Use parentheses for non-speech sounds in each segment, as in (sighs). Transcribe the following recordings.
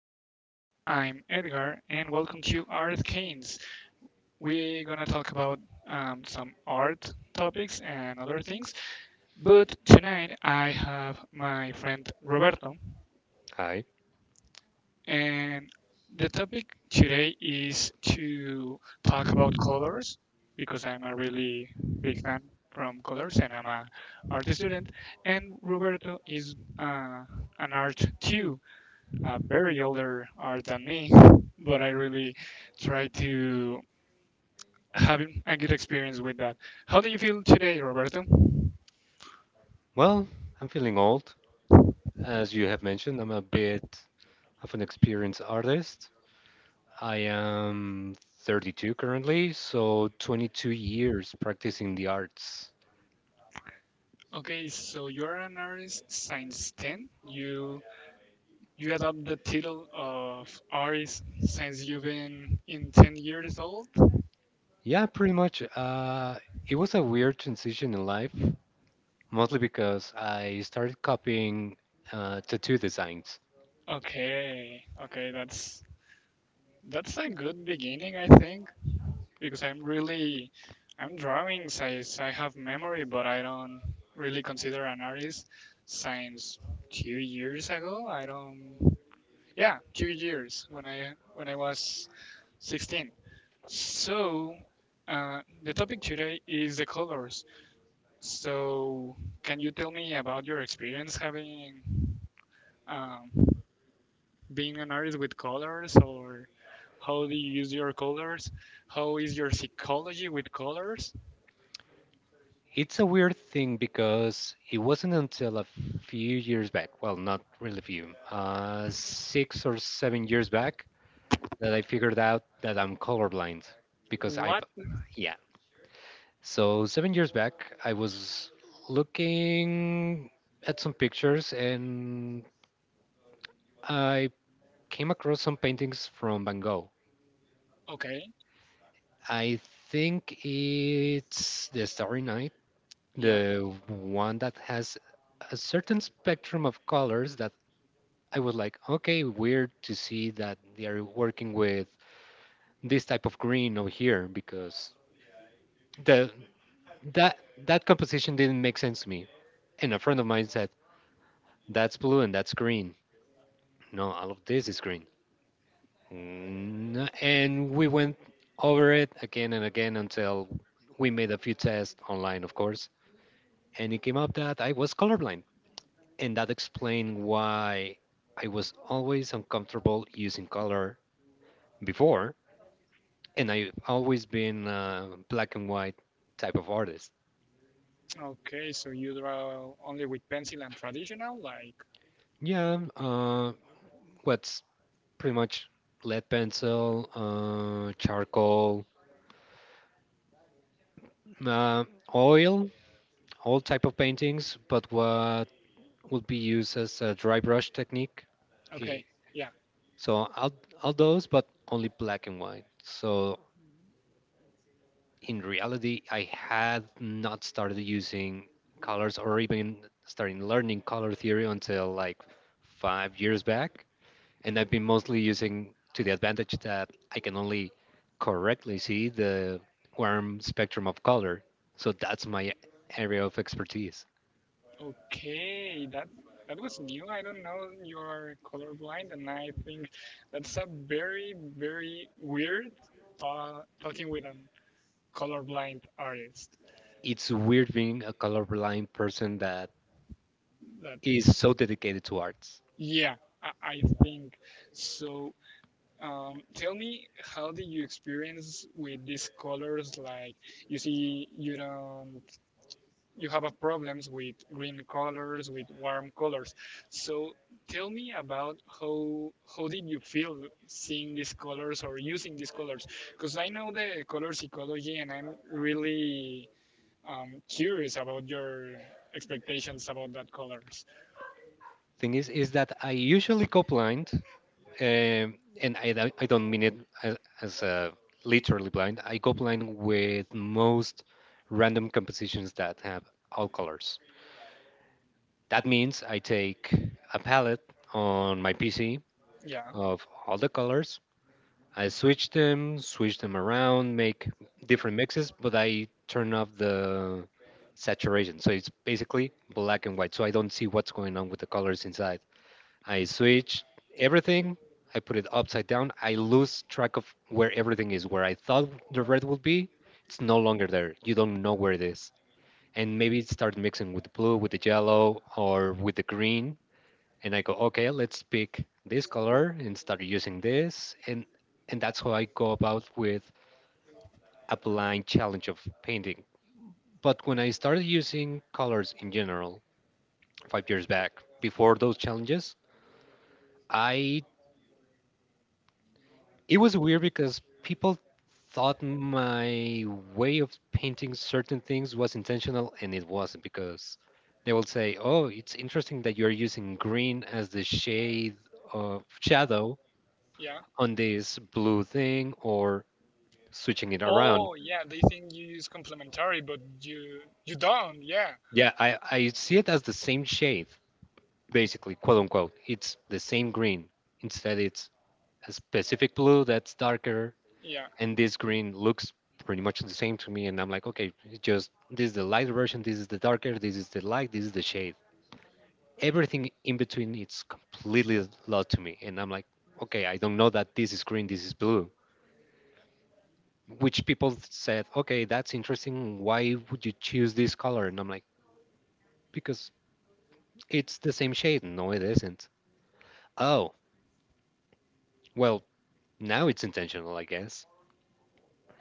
morning. I'm Edgar, and welcome to Art Canes. We're gonna talk about some art topics and other things, but tonight I have my friend Roberto, Hi. and the topic today is to talk about colors because I'm a really big fan from colors and I'm a art student, and Roberto is an art too very older are than me, but I really try to have a good experience with that. How do you feel today, Roberto? Well, I'm feeling old. As you have mentioned, I'm a bit of an experienced artist. I am 32 currently, so 22 years practicing the arts. Okay, so you're an artist since 10. You adopt the title of artist since you've been in 10 years old. Yeah, pretty much. It was a weird transition in life, mostly because I started copying tattoo designs. Okay, okay, that's a good beginning, I think. Because I'm drawing since I have memory, but I don't really consider an artist since 2 years ago. I don't, yeah, 2 years when I was 16. So the topic today is the colors. So can you tell me about your experience having um, being an artist with colors, or how do you use your colors? How is your psychology with colors? It's a weird thing because it wasn't until a few years back, well, not really few, 6 or 7 years back, that I figured out that I'm colorblind because I've, What? yeah. So 7 years back, I was looking at some pictures and I came across some paintings from Van Gogh. Okay, I think it's The Starry Night, yeah. the one that has a certain spectrum of colors that I was like, okay, weird to see that they are working with this type of green over here because the that that composition didn't make sense to me. And a friend of mine said, "That's blue and that's green." No, all of this is green. And we went over it again and again until we made a few tests online, of course, and it came up that I was colorblind, and that explained why I was always uncomfortable using color before, and I've always been a black and white type of artist. Okay, so you draw only with pencil and traditional, like Yeah, what's pretty much lead pencil, charcoal, uh, oil, all type of paintings, but what would be used as a dry brush technique. Eh, okay, yeah. So all those, but only black and white. So in reality, I had not started using colors or even starting learning color theory until like 5 years back. And I've been mostly using to the advantage that I can only correctly see the warm spectrum of color. So that's my area of expertise. Okay, that that was new. I don't know you are colorblind, and I think that's a very very weird talking with an colorblind artist. It's weird being a colorblind person that That is so dedicated to arts. yeah, I think so. Tell me, how did you experience with these colors? Like you see, you don't you have a problems with green colors, with warm colors. So tell me about how did you feel seeing these colors or using these colors? Because I know the color psychology, and I'm really curious about your expectations about that colors. Thing is that I usually go blind, and I don't mean it as literally blind. I go blind with most random compositions that have all colors. That means I take a palette on my PC Yeah, of all the colors. I switch them around, make different mixes, but I turn off the saturation. So it's basically black and white. So I don't see what's going on with the colors inside. I switch everything. I put it upside down. I lose track of where everything is. Where I thought the red would be, it's no longer there. You don't know where it is. And maybe start mixing with the blue, with the yellow, or with the green, and I go, okay, let's pick this color and start using this, and that's how I go about with applying challenge of painting. But when I started using colors in general 5 years back, before those challenges, I it was weird because people thought my way of painting certain things was intentional and it wasn't because they will say, "Oh, it's interesting that you're using green as the shade of shadow yeah. on this blue thing or switching it around." Oh, yeah. They think you use complementary, but you don't. Yeah, Yeah, I see it as the same shade, basically, quote unquote. It's the same green. Instead, it's a specific blue that's darker, yeah, and this green looks pretty much the same to me. And I'm like, okay, it's just this is the light version, this is the darker, this is the light, this is the shade. Everything in between, it's completely lost to me. And I'm like, okay, I don't know that this is green, this is blue, which people said, okay, that's interesting. Why would you choose this color? And I'm like, because it's the same shade. No, it isn't. Oh, well, now it's intentional, I guess.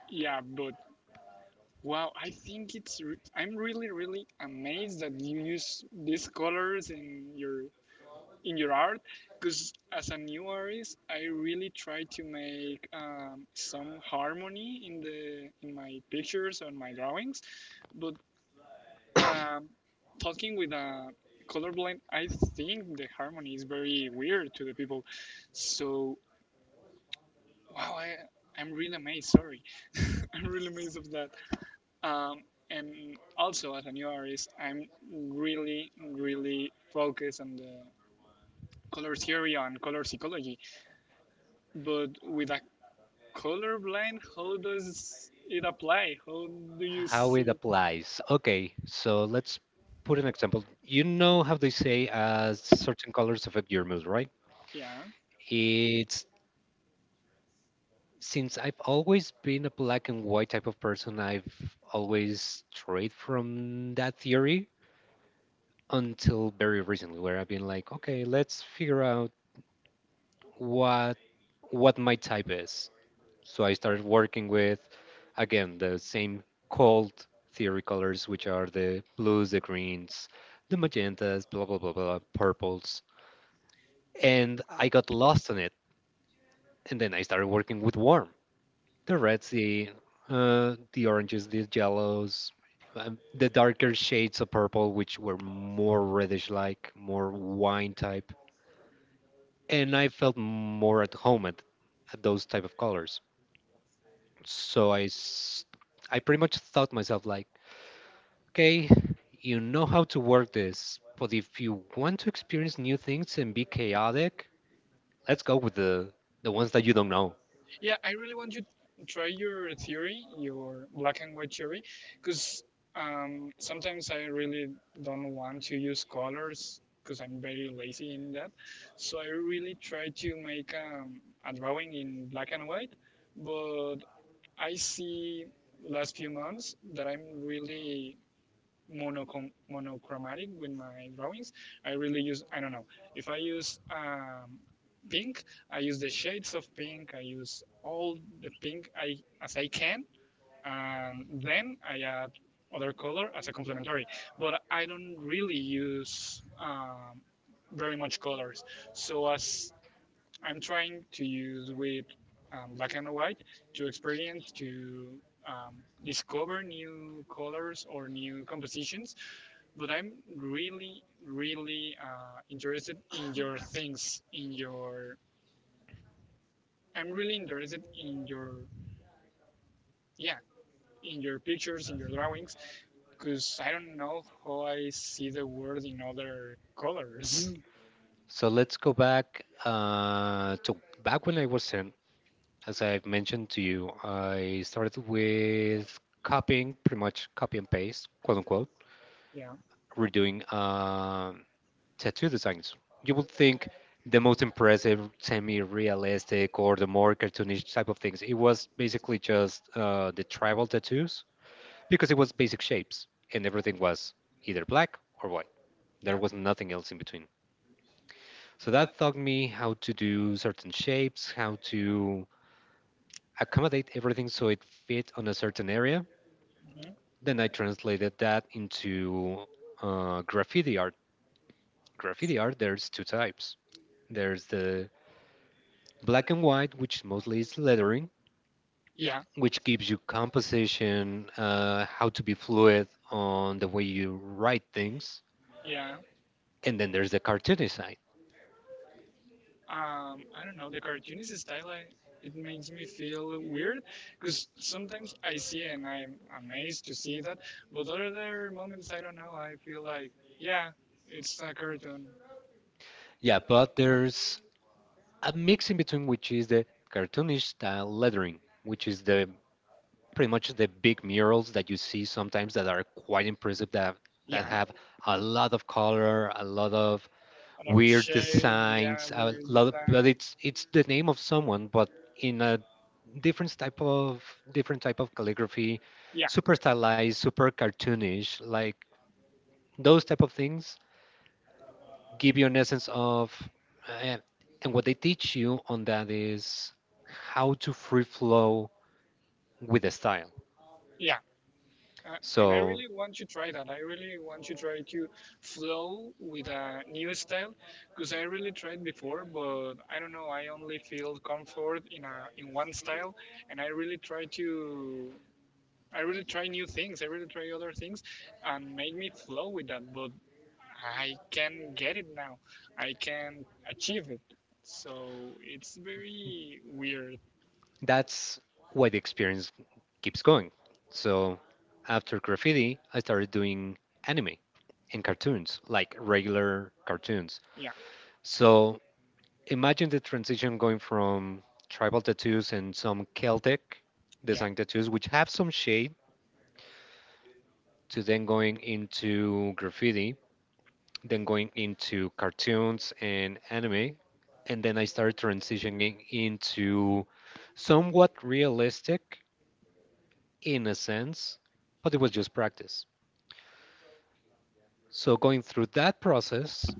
yeah. But wow, I think I'm really really amazed that you use these colors in your art, because as a new artist, I really try to make some harmony in the in my pictures and my drawings, but um, talking with a colorblind, I think the harmony is very weird to the people. So wow, I I'm really amazed. Sorry, (laughs) I'm really amazed of that. Um, and also, as a new artist, I'm really, really focused on the color theory and color psychology. But with a colorblind, how does it apply? How do you How it see? applies. Okay, so let's put an example. You know how they say certain colors affect your mood, right? Yeah. It's, since I've always been a black and white type of person, I've always strayed from that theory until very recently, where I've been like, okay, let's figure out what what my type is. So I started working with, again, the same cold theory colors, which are the blues, the greens, the magentas, blah, blah, blah, blah, purples. And I got lost in it. And then I started working with warm, the reds, the oranges, the yellows, the darker shades of purple, which were more reddish like, more wine type. And I felt more at home at those type of colors. So I pretty much thought myself like, okay, you know how to work this, but if you want to experience new things and be chaotic, let's go with the ones that you don't know. Yeah, I really want you to try your theory, your black and white theory, because sometimes I really don't want to use colors because I'm very lazy in that. So I really try to make a drawing in black and white, but I see last few months that I'm really monochromatic with my drawings. I really use, I don't know, if I use pink, I use the shades of pink, I use all the pink I as I can, and then I add other color as a complementary. But I don't really use very much colors. So as I'm trying to use with black and white to experience to um, discover new colors or new compositions, but I'm really, really interested in your things, in your. I'm really interested in your, yeah, in your pictures, in your drawings, because I don't know how I see the world in other colors. So let's go back to back when I was 10. As I've mentioned to you, I started with copying, pretty much copy and paste, quote unquote. (laughs) Yeah, We're doing tattoo designs. You would think the most impressive, semi-realistic, or the more cartoonish type of things. It was basically just the tribal tattoos because it was basic shapes and everything was either black or white. yeah, There was nothing else in between. So that taught me how to do certain shapes, how to accommodate everything so it fit on a certain area. mhm, Then I translated that into graffiti art. Graffiti art, there's two types. There's the black and white, which mostly is lettering, yeah, which gives you composition, how to be fluid on the way you write things. yeah. And then there's the cartoony side. I don't know the cartoonist style. I, it makes me feel weird because sometimes I see and I'm amazed to see that, but other moments I don't know. I feel like yeah, it's a cartoon Yeah, but there's a mix in between, which is the cartoonish style lettering, which is the, pretty much the big murals that you see sometimes that are quite impressive, that yeah, have a lot of color, a lot of another weird shade, yeah, designs, a with the lot of, but time, it's the name of someone, but in a different type of calligraphy, yeah, super stylized, super cartoonish, like those type of things give you an essence of uh, and what they teach you on that is how to free flow with the style, yeah. Uh, and I so really want to try that. I really want to try to flow with a new style because I really tried before, but I don't know. I only feel comfort in a in one style, and I really try to. I really try new things. I really try other things, and make me flow with that. But I can get it now. I can achieve it. So it's very weird. that's why the experience keeps going. So after graffiti, I started doing anime and cartoons, like regular cartoons. Yeah. So imagine the transition going from tribal tattoos and some Celtic Yeah. design tattoos, which have some shade, to then going into graffiti, then going into cartoons and anime. And then I started transitioning into somewhat realistic in a sense, but it was just practice. So going through that process,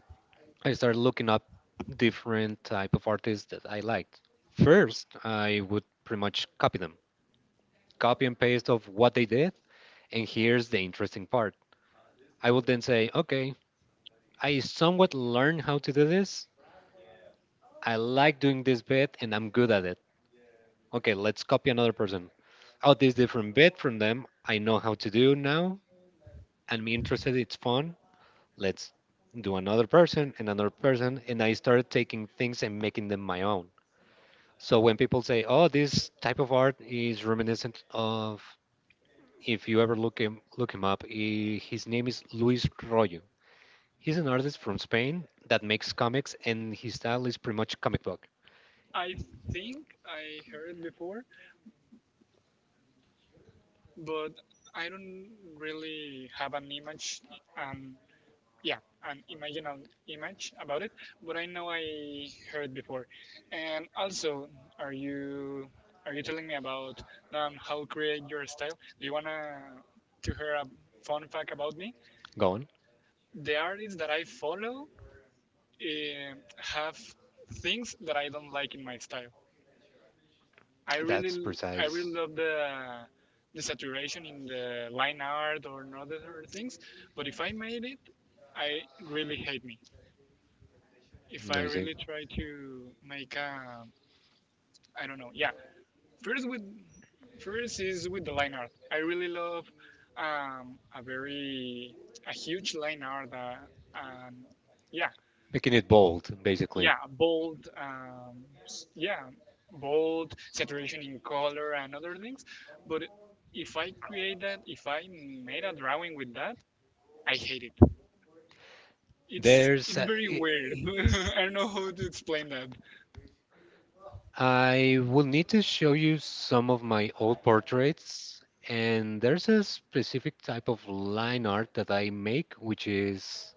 I started looking up different type of artists that I liked. First, I would pretty much copy them, copy and paste of what they did, and here's the interesting part. I would then say, okay, I somewhat learned how to do this. I like doing this bit and I'm good at it. Okay, let's copy another person. Oh, this different bit from them. I know how to do now. I'm interested, it's fun. Let's do another person and another person, and I started taking things and making them my own. So when people say, oh, this type of art is reminiscent of, if you ever look him up, his name is Luis Royo. He's an artist from Spain that makes comics and his style is pretty much comic book. I think I heard it before, but I don't really have an image, um, yeah, an imaginal image about it, but I know I heard before. And also, are you are you telling me about how create your style? Do you wanna to hear a fun fact about me? Go on. The artists that I follow have things that I don't like in my style. That's I precise. really love the saturation in the line art or in other things, but if I made it, I really hate me. If I I really try to make a I don't know. Yeah, first with first is with the line art. I really love a very a huge line art. Um, yeah, Making it bold, basically. yeah bold, yeah bold saturation in color and other things, but if I create that, if I made a drawing with that, I hate it. it's There's. it's uh, very i- weird. (laughs) I don't know how to explain that. I will need to show you some of my old portraits, and there's a specific type of line art that I make, which is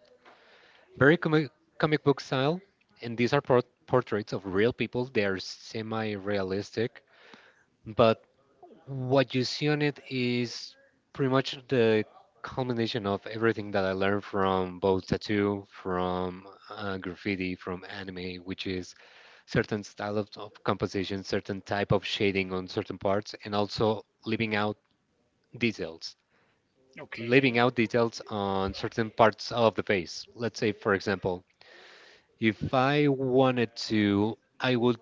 very comic, comic book style. And these are portraits of real people. They are semi-realistic, but what you see on it is pretty much the culmination of everything that I learned from both tattoo, from graffiti, from anime, which is certain style of composition, certain type of shading on certain parts, and also leaving out details. Leaving Okay, out details on certain parts of the face. Let's say, for example, if I wanted to, I would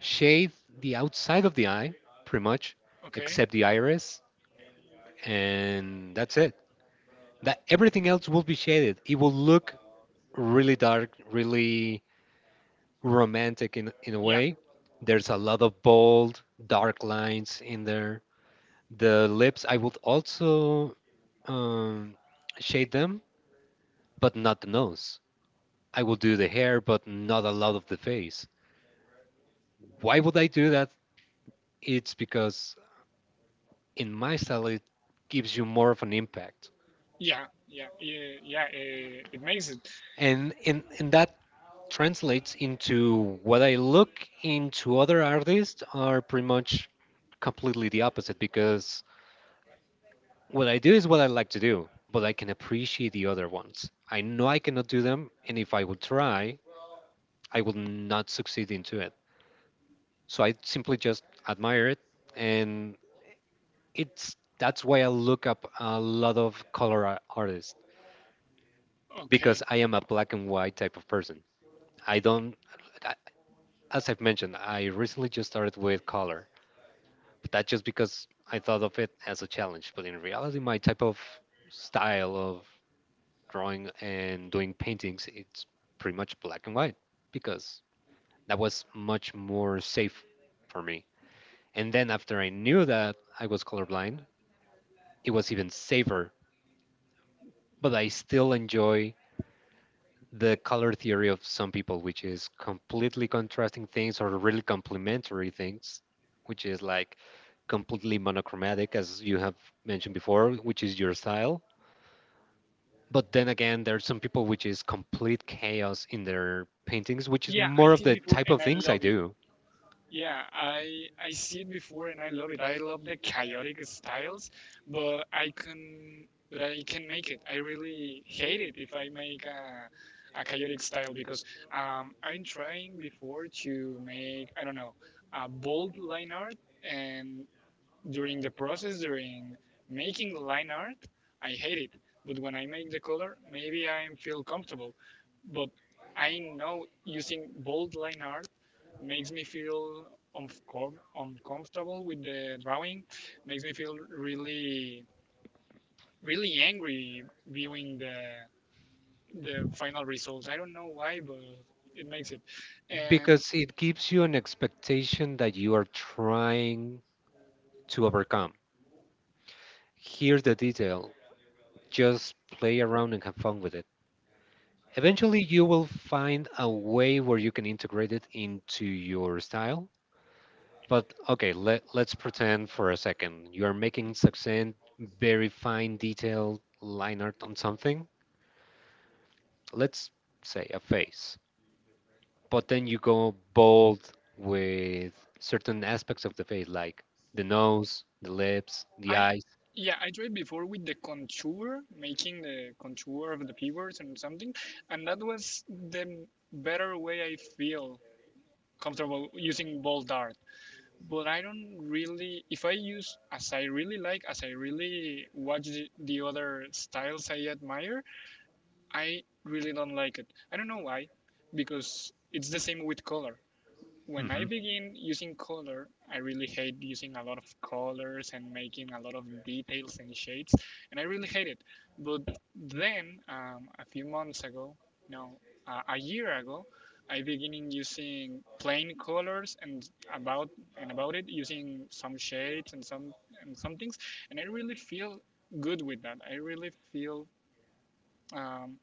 shade the outside of the eye, pretty much, okay, except the iris, and that's it. That everything else will be shaded. It will look really dark, really romantic in a yeah, way. There's a lot of bold, dark lines in there. The lips, I would also um, shade them, but not the nose. I will do the hair, but not a lot of the face. Why would I do that? It's because in my style, it gives you more of an impact. yeah, yeah, yeah, yeah, it makes it And in that translates into what I look into other artists are pretty much completely the opposite because what I do is what I like to do, but I can appreciate the other ones. I know I cannot do them, and if I would try, I would not succeed into it. So I simply just admire it, and it's that's why I look up a lot of color artists okay because I am a black and white type of person. I don't, I- As I've mentioned, I recently just started with color. But that's just because I thought of it as a challenge. But in reality, my type of style of drawing and doing paintings, it's pretty much black and white because that was much more safe for me. And then after I knew that I was colorblind, it was even safer. But I still enjoy the color theory of some people, which is completely contrasting things or really complementary things, which is like completely monochromatic, as you have mentioned before, which is your style. But then again, there are some people which is complete chaos in their paintings, which is yeah I more of did the before type of and I things I love it. do Yeah, I see it before and I love it. I love the chaotic styles, but I can make it. I really hate it if I make a chaotic style because I'm trying before to make I don't know a bold line art, and during the process, during making line art, I hate it. But when I make the color, maybe I feel comfortable. But I know using bold line art makes me feel uncomfortable with the drawing, makes me feel really, really angry viewing the final result. I don't know why, but it makes it. And because it gives you an expectation that you are trying to overcome. Here's the detail, just play around and have fun with it. Eventually, you will find a way where you can integrate it into your style. But okay, let's pretend for a second you are making succinct, very fine, detailed line art on something. Let's say a face, but then you go bold with certain aspects of the face, like the nose, the lips, the I eyes. yeah, I tried before with the contour, making the contour of the figures and something, and that was the better way I feel comfortable using bold art. But I don't really, if I use as I really like, as I really watch the other styles I admire, I really don't like it. I don't know why, because it's the same with color. When I Hmm begin using color, I really hate using a lot of colors and making a lot of details and shades, and I really hate it. But then, a few months ago, no, a year ago, I beginning using plain colors about and about it using some shades and some things, and I really feel good with that. I really feel, um,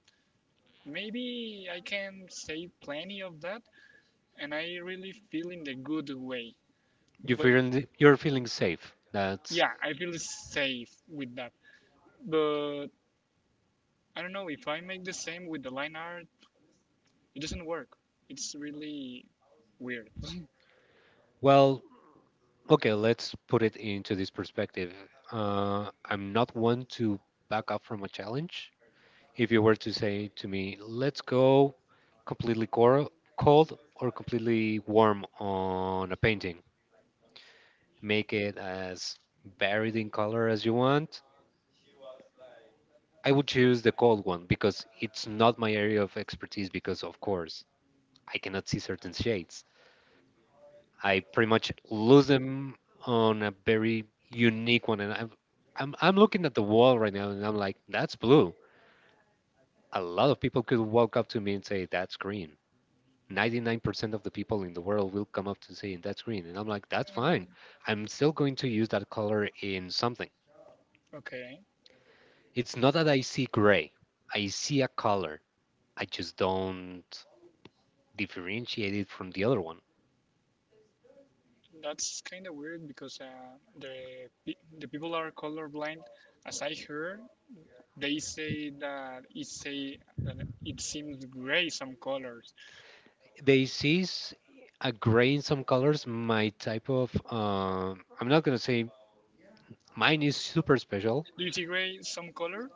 maybe I can save plenty of that, and I really feel in the good way. You But feeling, you're feeling safe. That's, yeah, I feel safe with that. But I don't know if I make the same with the line art, it doesn't work. It's really weird. (laughs) well, okay. Let's put it into this perspective. I'm not one to back up from a challenge. If you were to say to me, let's go completely cor- cold or completely warm on a painting, make it as varied in color as you want, I would choose the cold one because it's not my area of expertise. Because, of course, I cannot see certain shades. I pretty much lose them on a very unique one. I'm looking at the wall right now and I'm like, that's blue. A lot of people could walk up to me and say, that's green. 99% of the people in the world will come up to saying that's green. And I'm like, that's fine. I'm still going to use that color in something. Okay, It's not that I see gray, I see a color. I just don't differentiate it from the other one. that's kind of weird because the the people are colorblind. As I heard, they say that it seems gray some colors. They see a gray in some colors. My type of, I'm not going to say mine is super special Do you see gray some color?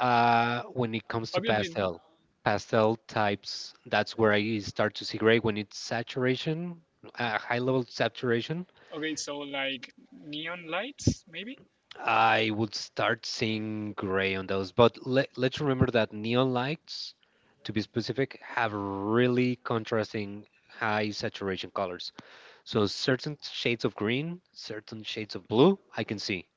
when it comes to Obviously, pastel. Pastel types, that's where I start to see gray when it's saturation, a high level saturation. okay. So like neon lights, maybe. I would start seeing gray on those. But let's remember that neon lights, to be specific, have really contrasting high saturation colors. So certain shades of green, certain shades of blue, I can see.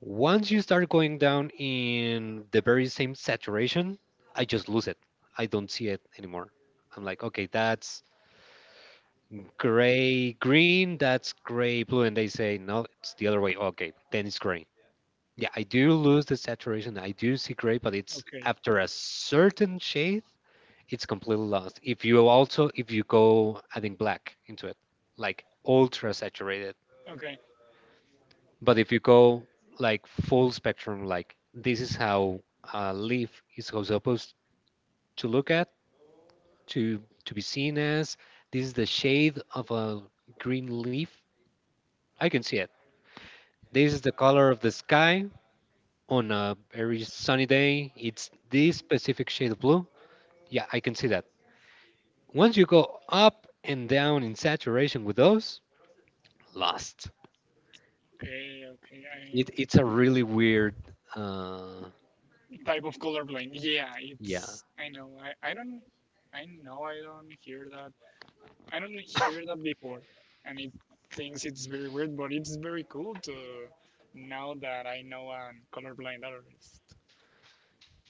Once you start going down in the very same saturation, I just lose it. I don't see it anymore. I'm like, okay, that's gray green, that's gray blue. And they say, no, it's the other way. Okay, then it's gray. Yeah, I do lose the saturation. I do see gray, but it's Okay, after a certain shade, it's completely lost. If you go adding black into it, like ultra saturated. okay. But if you go like full spectrum, like this is how a leaf is supposed to look at, to be seen as. This is the shade of a green leaf. I can see it. This is the color of the sky on a very sunny day. It's this specific shade of blue. Yeah, I can see that. Once you go up and down in saturation with those, lost. Okay, okay. I It's a really weird, uh, type of colorblind. Yeah, yeah. it's. I know. I don't. I know. I don't hear that. I don't hear that before, and it thinks it's very weird, but it's very cool to now that I know a colorblind artist.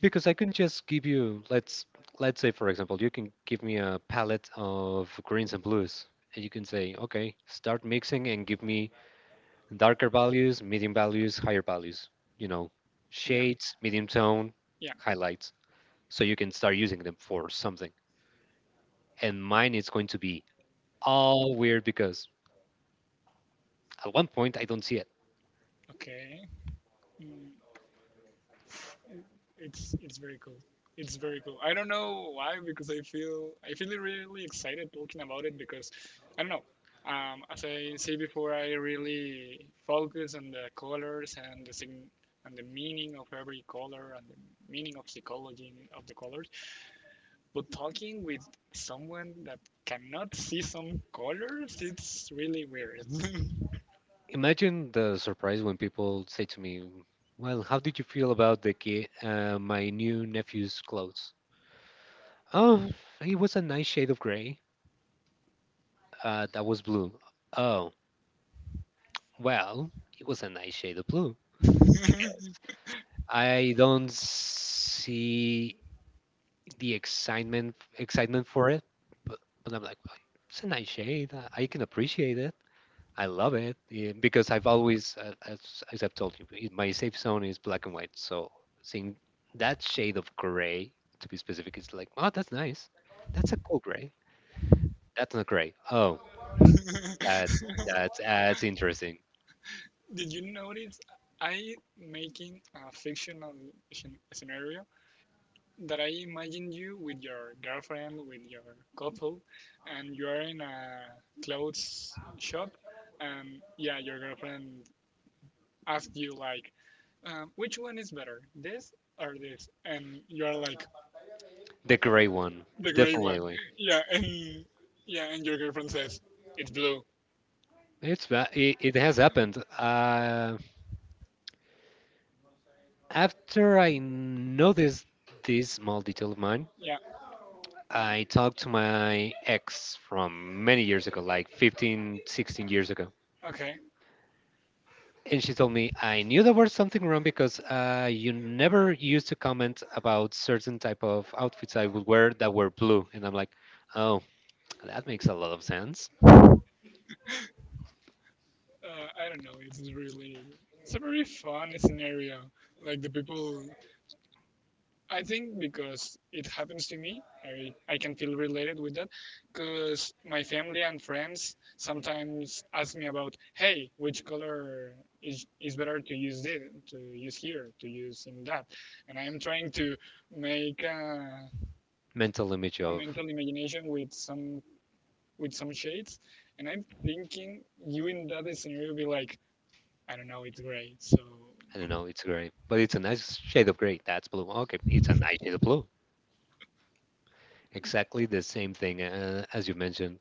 Because I can just give you, let's say for example, you can give me a palette of greens and blues, and you can say, okay, start mixing and give me darker values, medium values, higher values. You know, Yeah. shades, medium tone, Yeah. highlights. So you can start using them for something. And mine is going to be all weird because at one point I don't see it. Okay. Mm. It's very cool. It's very cool. I don't know why because I feel really excited talking about it because I don't know. As I said before, I really focus on the colors and the sign and the meaning of every color and the meaning of psychology of the colors. But talking with someone that cannot see some colors, it's really weird. (laughs) Imagine the surprise when people say to me, "Well, how did you feel about the ki my new nephew's clothes?" Oh, it was a nice shade of gray. That was blue. Oh, well, it was a nice shade of blue. I guess I don't see the excitement for it, but I'm like, "Well, it's a nice shade. I can appreciate it. I love it. Yeah, because I've always, as, I've told you, my safe zone is black and white. So seeing that shade of gray, to be specific, is like, oh, that's nice. That's a cool gray. That's not gray. Oh, that's that's interesting. Did you notice I making a fictional scenario that I imagine you with your girlfriend, with your couple, and you are in a clothes shop, and yeah, your girlfriend asks you like, which one is better, this or this? And you are like The gray one, the gray one. definitely. (laughs) Yeah, and yeah, and your girlfriend says it's blue. It, it has happened. After I noticed this small detail of mine, Yeah, I talked to my ex from many years ago, like 15, 16 years ago. okay. And she told me, I knew there was something wrong because you never used to comment about certain type of outfits I would wear that were blue. And I'm like, oh, that makes a lot of sense. I don't know. It's really it's a very fun scenario. Like the people I think because it happens to me, I can feel related with that. Because my family and friends sometimes ask me about, hey, which color is better to use this, to use here, to use in that. And I am trying to make Mental image a of, mental imagination with some shades. And I'm thinking you in that scenario be like, I don't know, it's gray. So I don't know, it's gray, but it's a nice shade of gray. That's blue. Okay, it's a nice shade of blue. Exactly the same thing as you mentioned.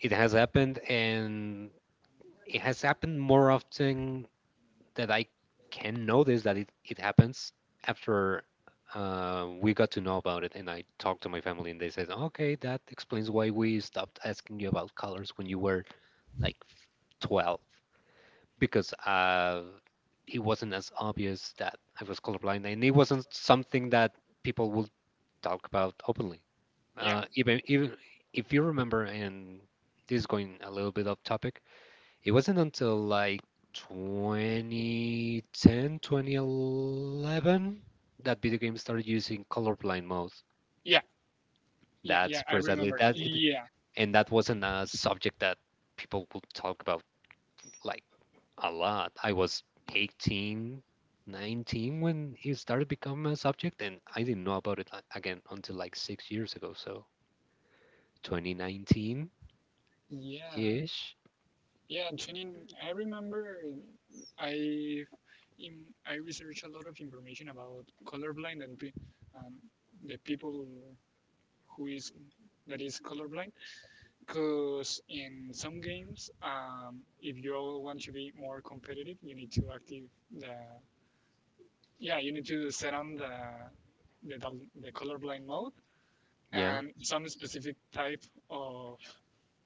It has happened, and it has happened more often that I can notice that it happens after we got to know about it, and I talked to my family and they said, okay, that explains why we stopped asking you about colors when you were like 12 because it wasn't as obvious that I was colorblind and it wasn't something that people would talk about openly. yeah, Even if you remember, and this is going a little bit off topic, it wasn't until like 2010, 2011 that video games started using colorblind mode. yeah, yeah, That's yeah. I precisely remember. that, it, Yeah, and that wasn't a subject that people would talk about like a lot. I was 18, 19 when it started becoming a subject, and I didn't know about it again until like six years ago. So 2019 yeah. ish. Yeah, Antonin, I remember I I researched a lot of information about colorblind and um, the people who is that is colorblind because in some games if you all want to be more competitive you need to active the yeah you need to set on the colorblind mode Yeah. and some specific type of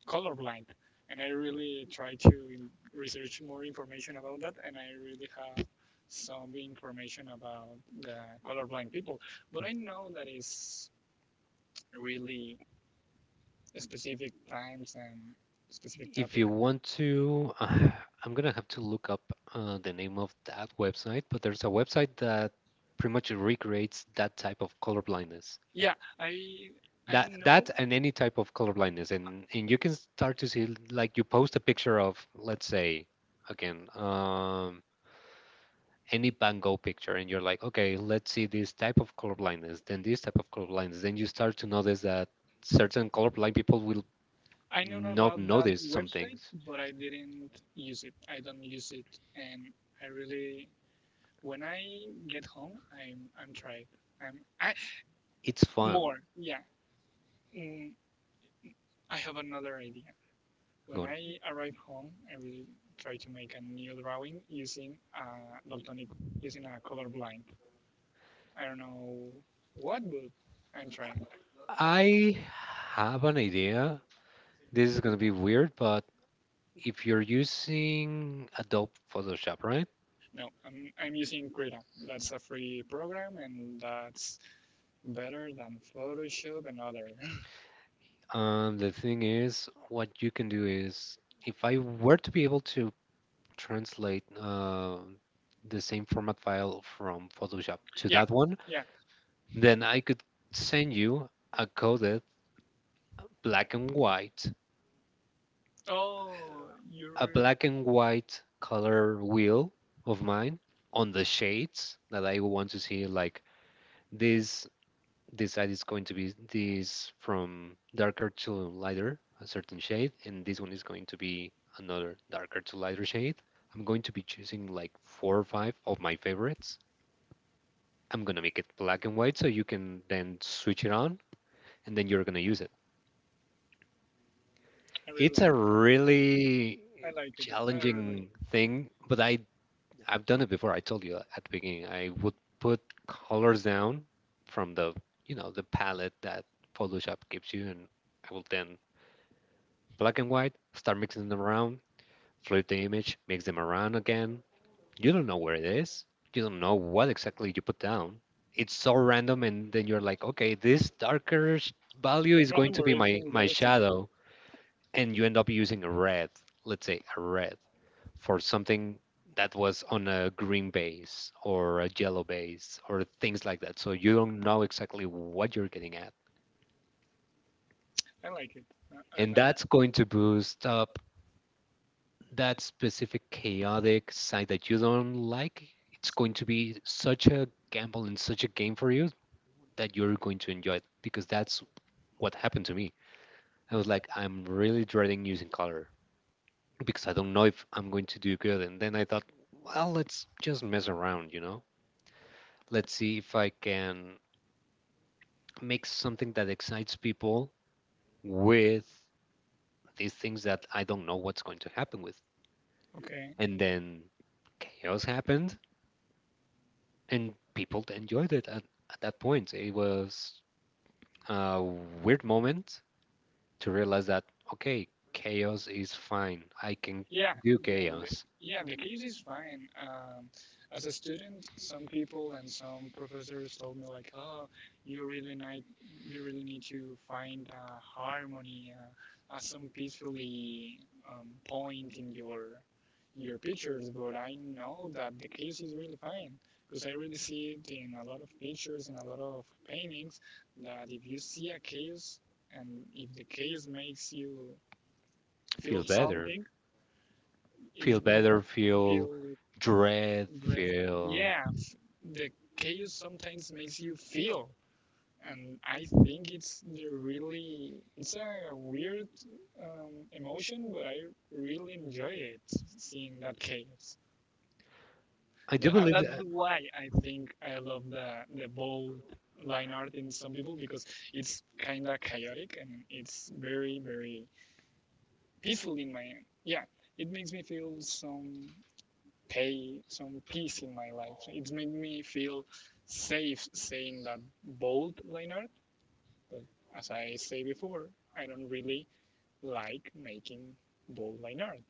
colorblind, and I really try to research more information about that, and I really have some information about the colorblind people. But I know that is really specific times and specific If topic. you want to, I'm gonna have to look up the name of that website, but there's a website that pretty much recreates that type of colorblindness. Yeah, I I That, know that and any type of colorblindness, and you can start to see, like, you post a picture of, let's say, again, any Van Gogh picture, and you're like, okay, let's see this type of colorblindness, then this type of colorblindness, then you start to notice that certain colorblind people will I know not about that notice some website, things. but I didn't use it. I don't use it, and I really when I get home, I'm tried. I'm I It's fun. more yeah. mm, I have another idea. Go When on. I arrive home, I will try to make a new drawing using daltonic, using a colorblind. I don't know what, but I'm trying. I have an idea. This is going to be weird, but if you're using Adobe Photoshop, right? No, I'm using Krita. That's a free program, and that's better than Photoshop and other. (laughs) The thing is, what you can do is, if I were to be able to translate the same format file from Photoshop to Yeah, that one, yeah. then I could send you a coded black and white, Oh, a you're. black and white color wheel of mine, on the shades that I want to see, like this. This side is going to be this, from darker to lighter, a certain shade, and this one is going to be another darker to lighter shade. I'm going to be choosing like four or five of my favorites. I'm gonna make it black and white so you can then switch it on, and then you're gonna use it. I really It's like. a really I like it. I really like. challenging It. thing, but I've done it before. I told you at the beginning. I would put colors down from the, you know, the palette that Photoshop gives you, and I will then black and white, start mixing them around, flip the image, mix them around again. You don't know where it is. You don't know what exactly you put down. It's so random, and then you're like, okay, value But is going random to word be is my, my interesting. shadow. And you end up using a red, let's say a red, for something that was on a green base or a yellow base or things like that. So you don't know exactly what you're getting at. I like it. I And like. that's going to boost up that specific chaotic side that you don't like, it's going to be such a gamble and such a game for you that you're going to enjoy it because that's what happened to me. I was like, I'm really dreading using color because I don't know if I'm going to do good. And then I thought, well, let's just mess around, you know? Let's see if I can make something that excites people with these things that I don't know what's going to happen with. Okay. And then chaos happens and people enjoyed it at that point. It was a weird moment to realize that, okay, chaos is fine. I can Yeah, do yeah, the, chaos, yeah. The case is fine. As a student, some people and some professors told me like, "Oh, you really need, you really need to find a harmony, some peacefully point in your pictures." But I know that the chaos is really fine because I really see it in a lot of pictures and a lot of paintings. That if you see a chaos and if the chaos makes you feel feel better, something, feel it better, feel feel dread, dress. feel. Yeah, the chaos sometimes makes you feel, and I think it's the really it's a weird emotion, but I really enjoy it seeing that chaos. I do And believe that's that. why I think I love the bold line art in some people because it's kind of chaotic and it's very peaceful in my yeah, it makes me feel some peace in my life. So it's made me feel safe saying that bold Leonard, but as I say before, I don't really like making bold line art.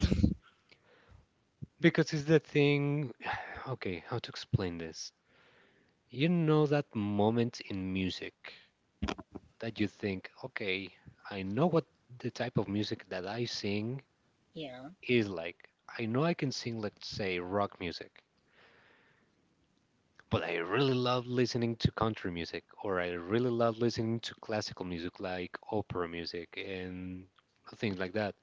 Because it's the thing. (sighs) Okay, how to explain this? You know that moment in music that you think, okay, I know what the type of music that I sing (laughs) yeah, is like. I know I can sing, let's say, rock music, but I really love listening to country music, or I really love listening to classical music like opera music and things like that.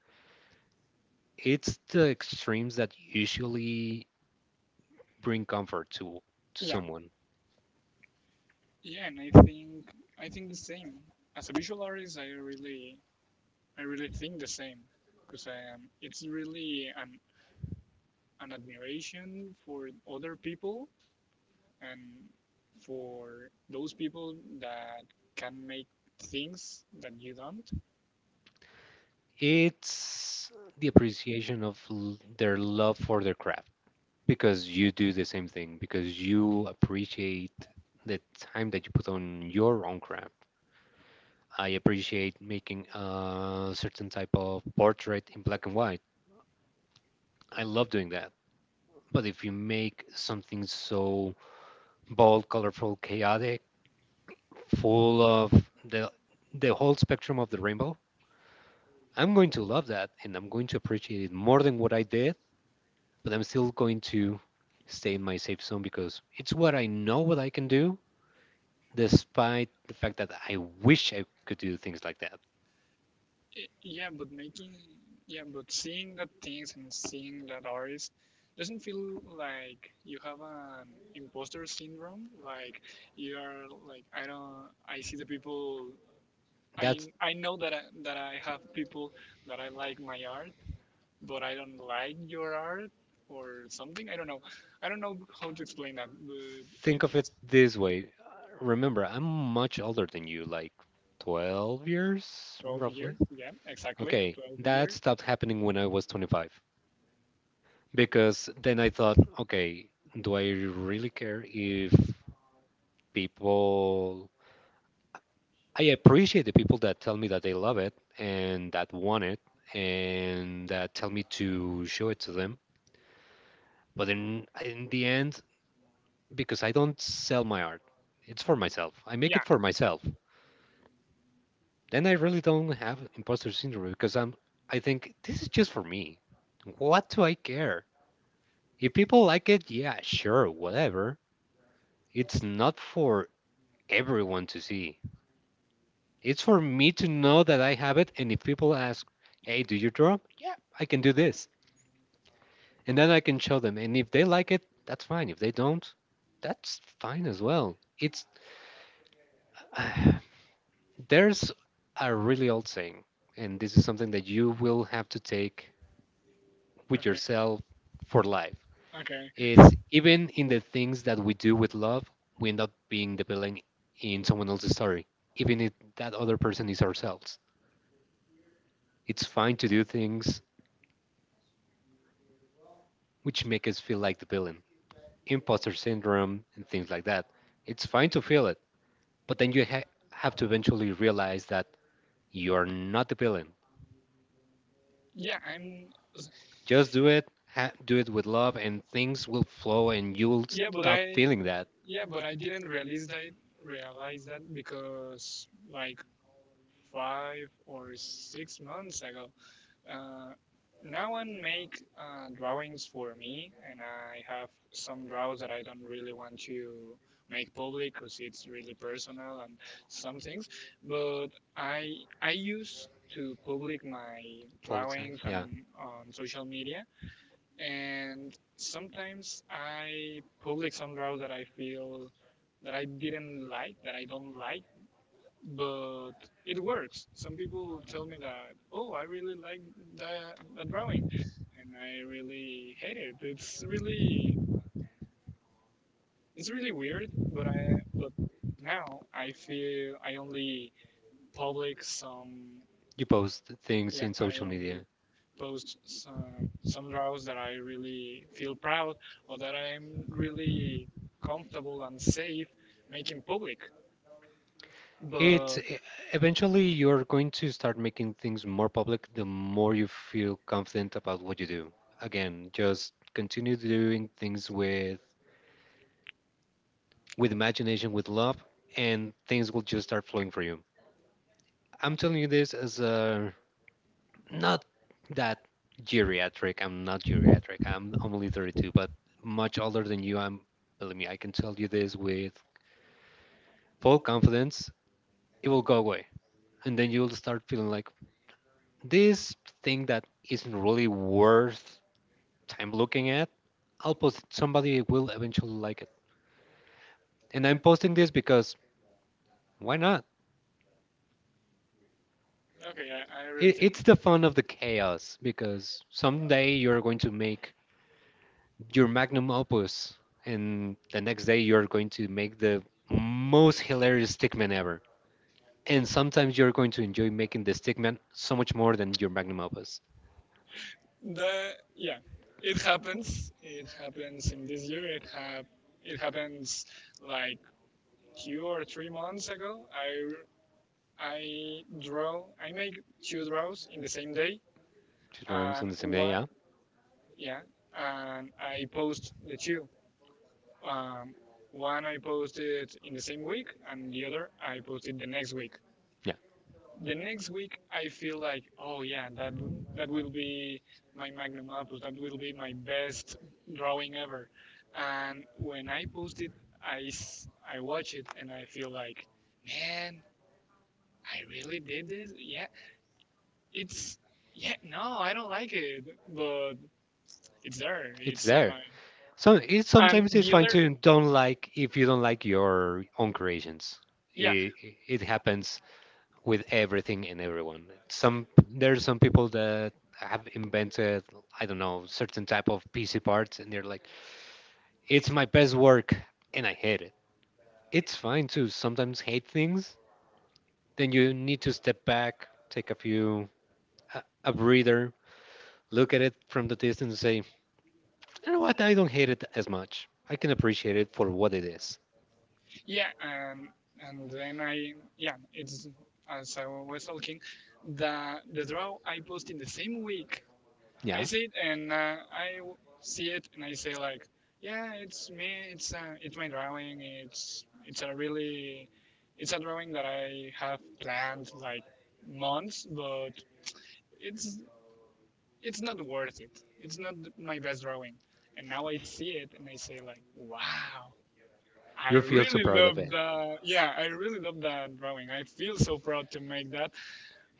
It's the extremes that usually bring comfort to yeah, someone. yeah, and I think the same. As a visual artist, I really think the same because I am. It's really an admiration for other people and for those people that can make things that you don't. It's the appreciation of their love for their craft. Because you do the same thing, because you appreciate the time that you put on your own craft. I appreciate making a certain type of portrait in black and white. I love doing that. But if you make something so bold, colorful, chaotic, full of the the whole spectrum of the rainbow, I'm going to love that and I'm going to appreciate it more than what I did, but I'm still going to stay in my safe zone because it's what I know what I can do despite the fact that I wish I could do things like that. Y- yeah but making yeah but seeing the things and seeing that artist, doesn't feel like you have an imposter syndrome, like you are like I don't, I see the people. i That's i know that I have people that I like my art, but I don't like your art or something. I don't know. I don't know how to explain that, but Think of it it's this way. Remember, I'm much older than you, like 12 years 12 years roughly. yeah, exactly Okay, 12 years. that stopped happening when I was 25 because then I thought, okay, do I really care if people? I appreciate the people that tell me that they love it and that want it and that tell me to show it to them. But in the end, because I don't sell my art. It's for myself. I make Yeah it for myself. Then I really don't have imposter syndrome because I think this is just for me. What do I care? If people like it, yeah, sure, whatever. It's not for everyone to see. It's for me to know that I have it and if people ask, "Hey, do you draw?" I can do this. And then I can show them and if they like it, that's fine. If they don't, that's fine as well. It's (sighs) There's a really old saying, and this is something that you will have to take with okay yourself for life. okay It's even in the things that we do with love, we end up being the villain in someone else's story, even if that other person is ourselves. It's fine to do things which make us feel like the villain, imposter syndrome, and things like that. It's fine to feel it, but then have to eventually realize that you are not the villain. yeah I'm Just do it, do it with love, and things will flow, and you will yeah but stop I feeling that. Yeah, but I didn't realize that because like 5 or 6 months ago, uh, no one make drawings for me, and I have some draws that I don't really want to make public because it's really personal and some things. But I I used to public my Publicize, drawings on yeah. on social media, and sometimes I public some draws that I feel that I didn't like, that I don't like, but it works. Some people tell me that, oh, I really like that drawing, and I really hate it. It's really weird, but now I feel I only public some You post things yeah in I social only media. post some draws that I really feel proud or that I'm really comfortable and safe making public. It's But e- Eventually you're going to start making things more public the more you feel confident about what you do. Again, just continue doing things with imagination, with love, and things will just start flowing for you. I'm telling you this as a not that geriatric. I'm not geriatric. I'm only 32, but much older than you. I'm Believe me, I can tell you this with full confidence. It will go away, and then you'll start feeling like, this thing that isn't really worth time looking at, I'll post it. Somebody will eventually like it. And I'm posting this because why not? okay, I really It, take it's the fun of the chaos because someday you're going to make your magnum opus, and the next day you're going to make the most hilarious stickman ever. And sometimes you're going to enjoy making the stickman so much more than your magnum opus. the yeah. It happens. It happens in this year. It happens like 2 or 3 months ago. I make two draws in the same day, Two drawings on and the same day, yeah? yeah, and I post the two. Um, One I posted in the same week, and the other I posted the next week. Yeah. The next week I feel like, oh yeah, that will be my magnum opus. That will be my best drawing ever. And when I post it, I watch it and I feel like, man, I really did this. Yeah, it's yeah. No, I don't like it, but it's there. It's It's on there. my. So it And sometimes it's the fine other, to don't like if you don't like your own creations. yeah. It, it happens with everything and everyone. Some there are some people that have invented I don't know certain type of PC parts and they're like it's my best work and I hate it. It's fine to sometimes hate things. Then you need to step back, take a breather, look at it from the distance and say, you know what, I don't hate it as much. I can appreciate it for what it is. Yeah, and then I yeah, it's as I was talking, the draw I post in the same week. I Yeah. see it and see it and I say like, yeah, it's me. It's my drawing. It's a really it's a drawing that I have planned like months, but it's it's not worth it. It's not my best drawing. And now I see it and I say like, wow, You feel so proud of it. I really love that drawing. I feel so proud to make that.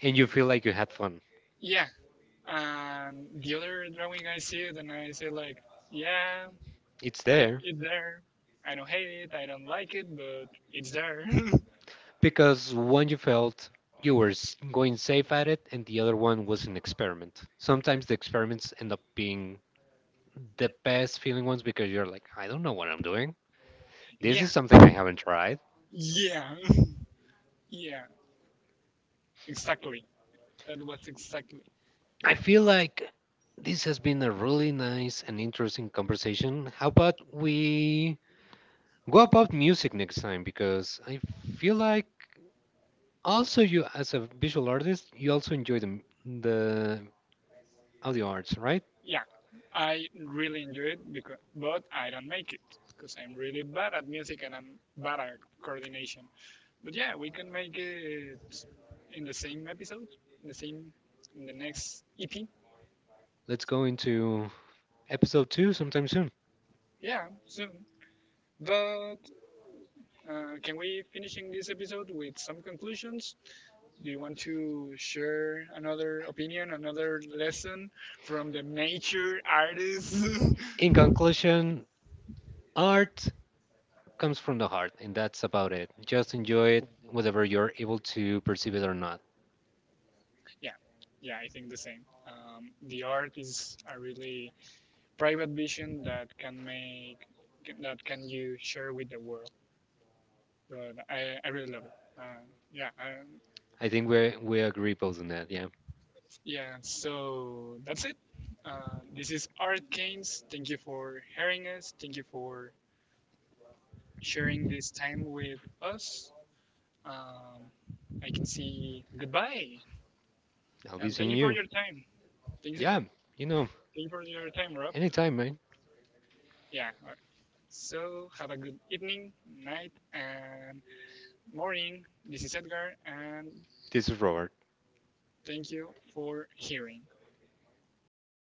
And you feel like you had fun. Yeah, and the other drawing I see it and I say like, yeah, It's there. it's there. I don't hate it, I don't like it, but it's there. Because one you felt going safe at it, and the other one was an experiment. Sometimes the experiments end up being the best feeling ones because you're like, I don't know what I'm doing. (laughs) This yeah, is something I haven't tried. yeah, (laughs) yeah, exactly. That was exactly. I feel like this has been a really nice and interesting conversation. How about we go about music next time? Because I feel like also you, as a visual artist, you also enjoy the audio arts, right? Yeah, I really enjoy it because, but I don't make it because I'm really bad at music and I'm bad at coordination. But yeah, we can make it in the same episode, in the same, in the next EP. Let's go into episode two sometime soon. Yeah, soon. But can we finishing this episode with some conclusions? Do you want to share another opinion, another lesson from the major artists? (laughs) In conclusion, art comes from the heart, and that's about it. Just enjoy it, whether you're able to perceive it or not. Yeah, yeah, I think the same. The art is a really private vision that can make that can you share with the world. But I really love it. Uh, yeah, I, I think we agree both on that. Yeah, Yeah, so that's it. This is Art Keynes. Thank you for hearing us. Thank you for sharing this time with us. Um, I can see goodbye. I'll be And thank seeing you for you. your time. Yeah, Thank you know, you for your time, Rob. anytime, man. Yeah. All right. So have a good evening, night, and morning. This is Edgar, and This is Robert. thank you for hearing.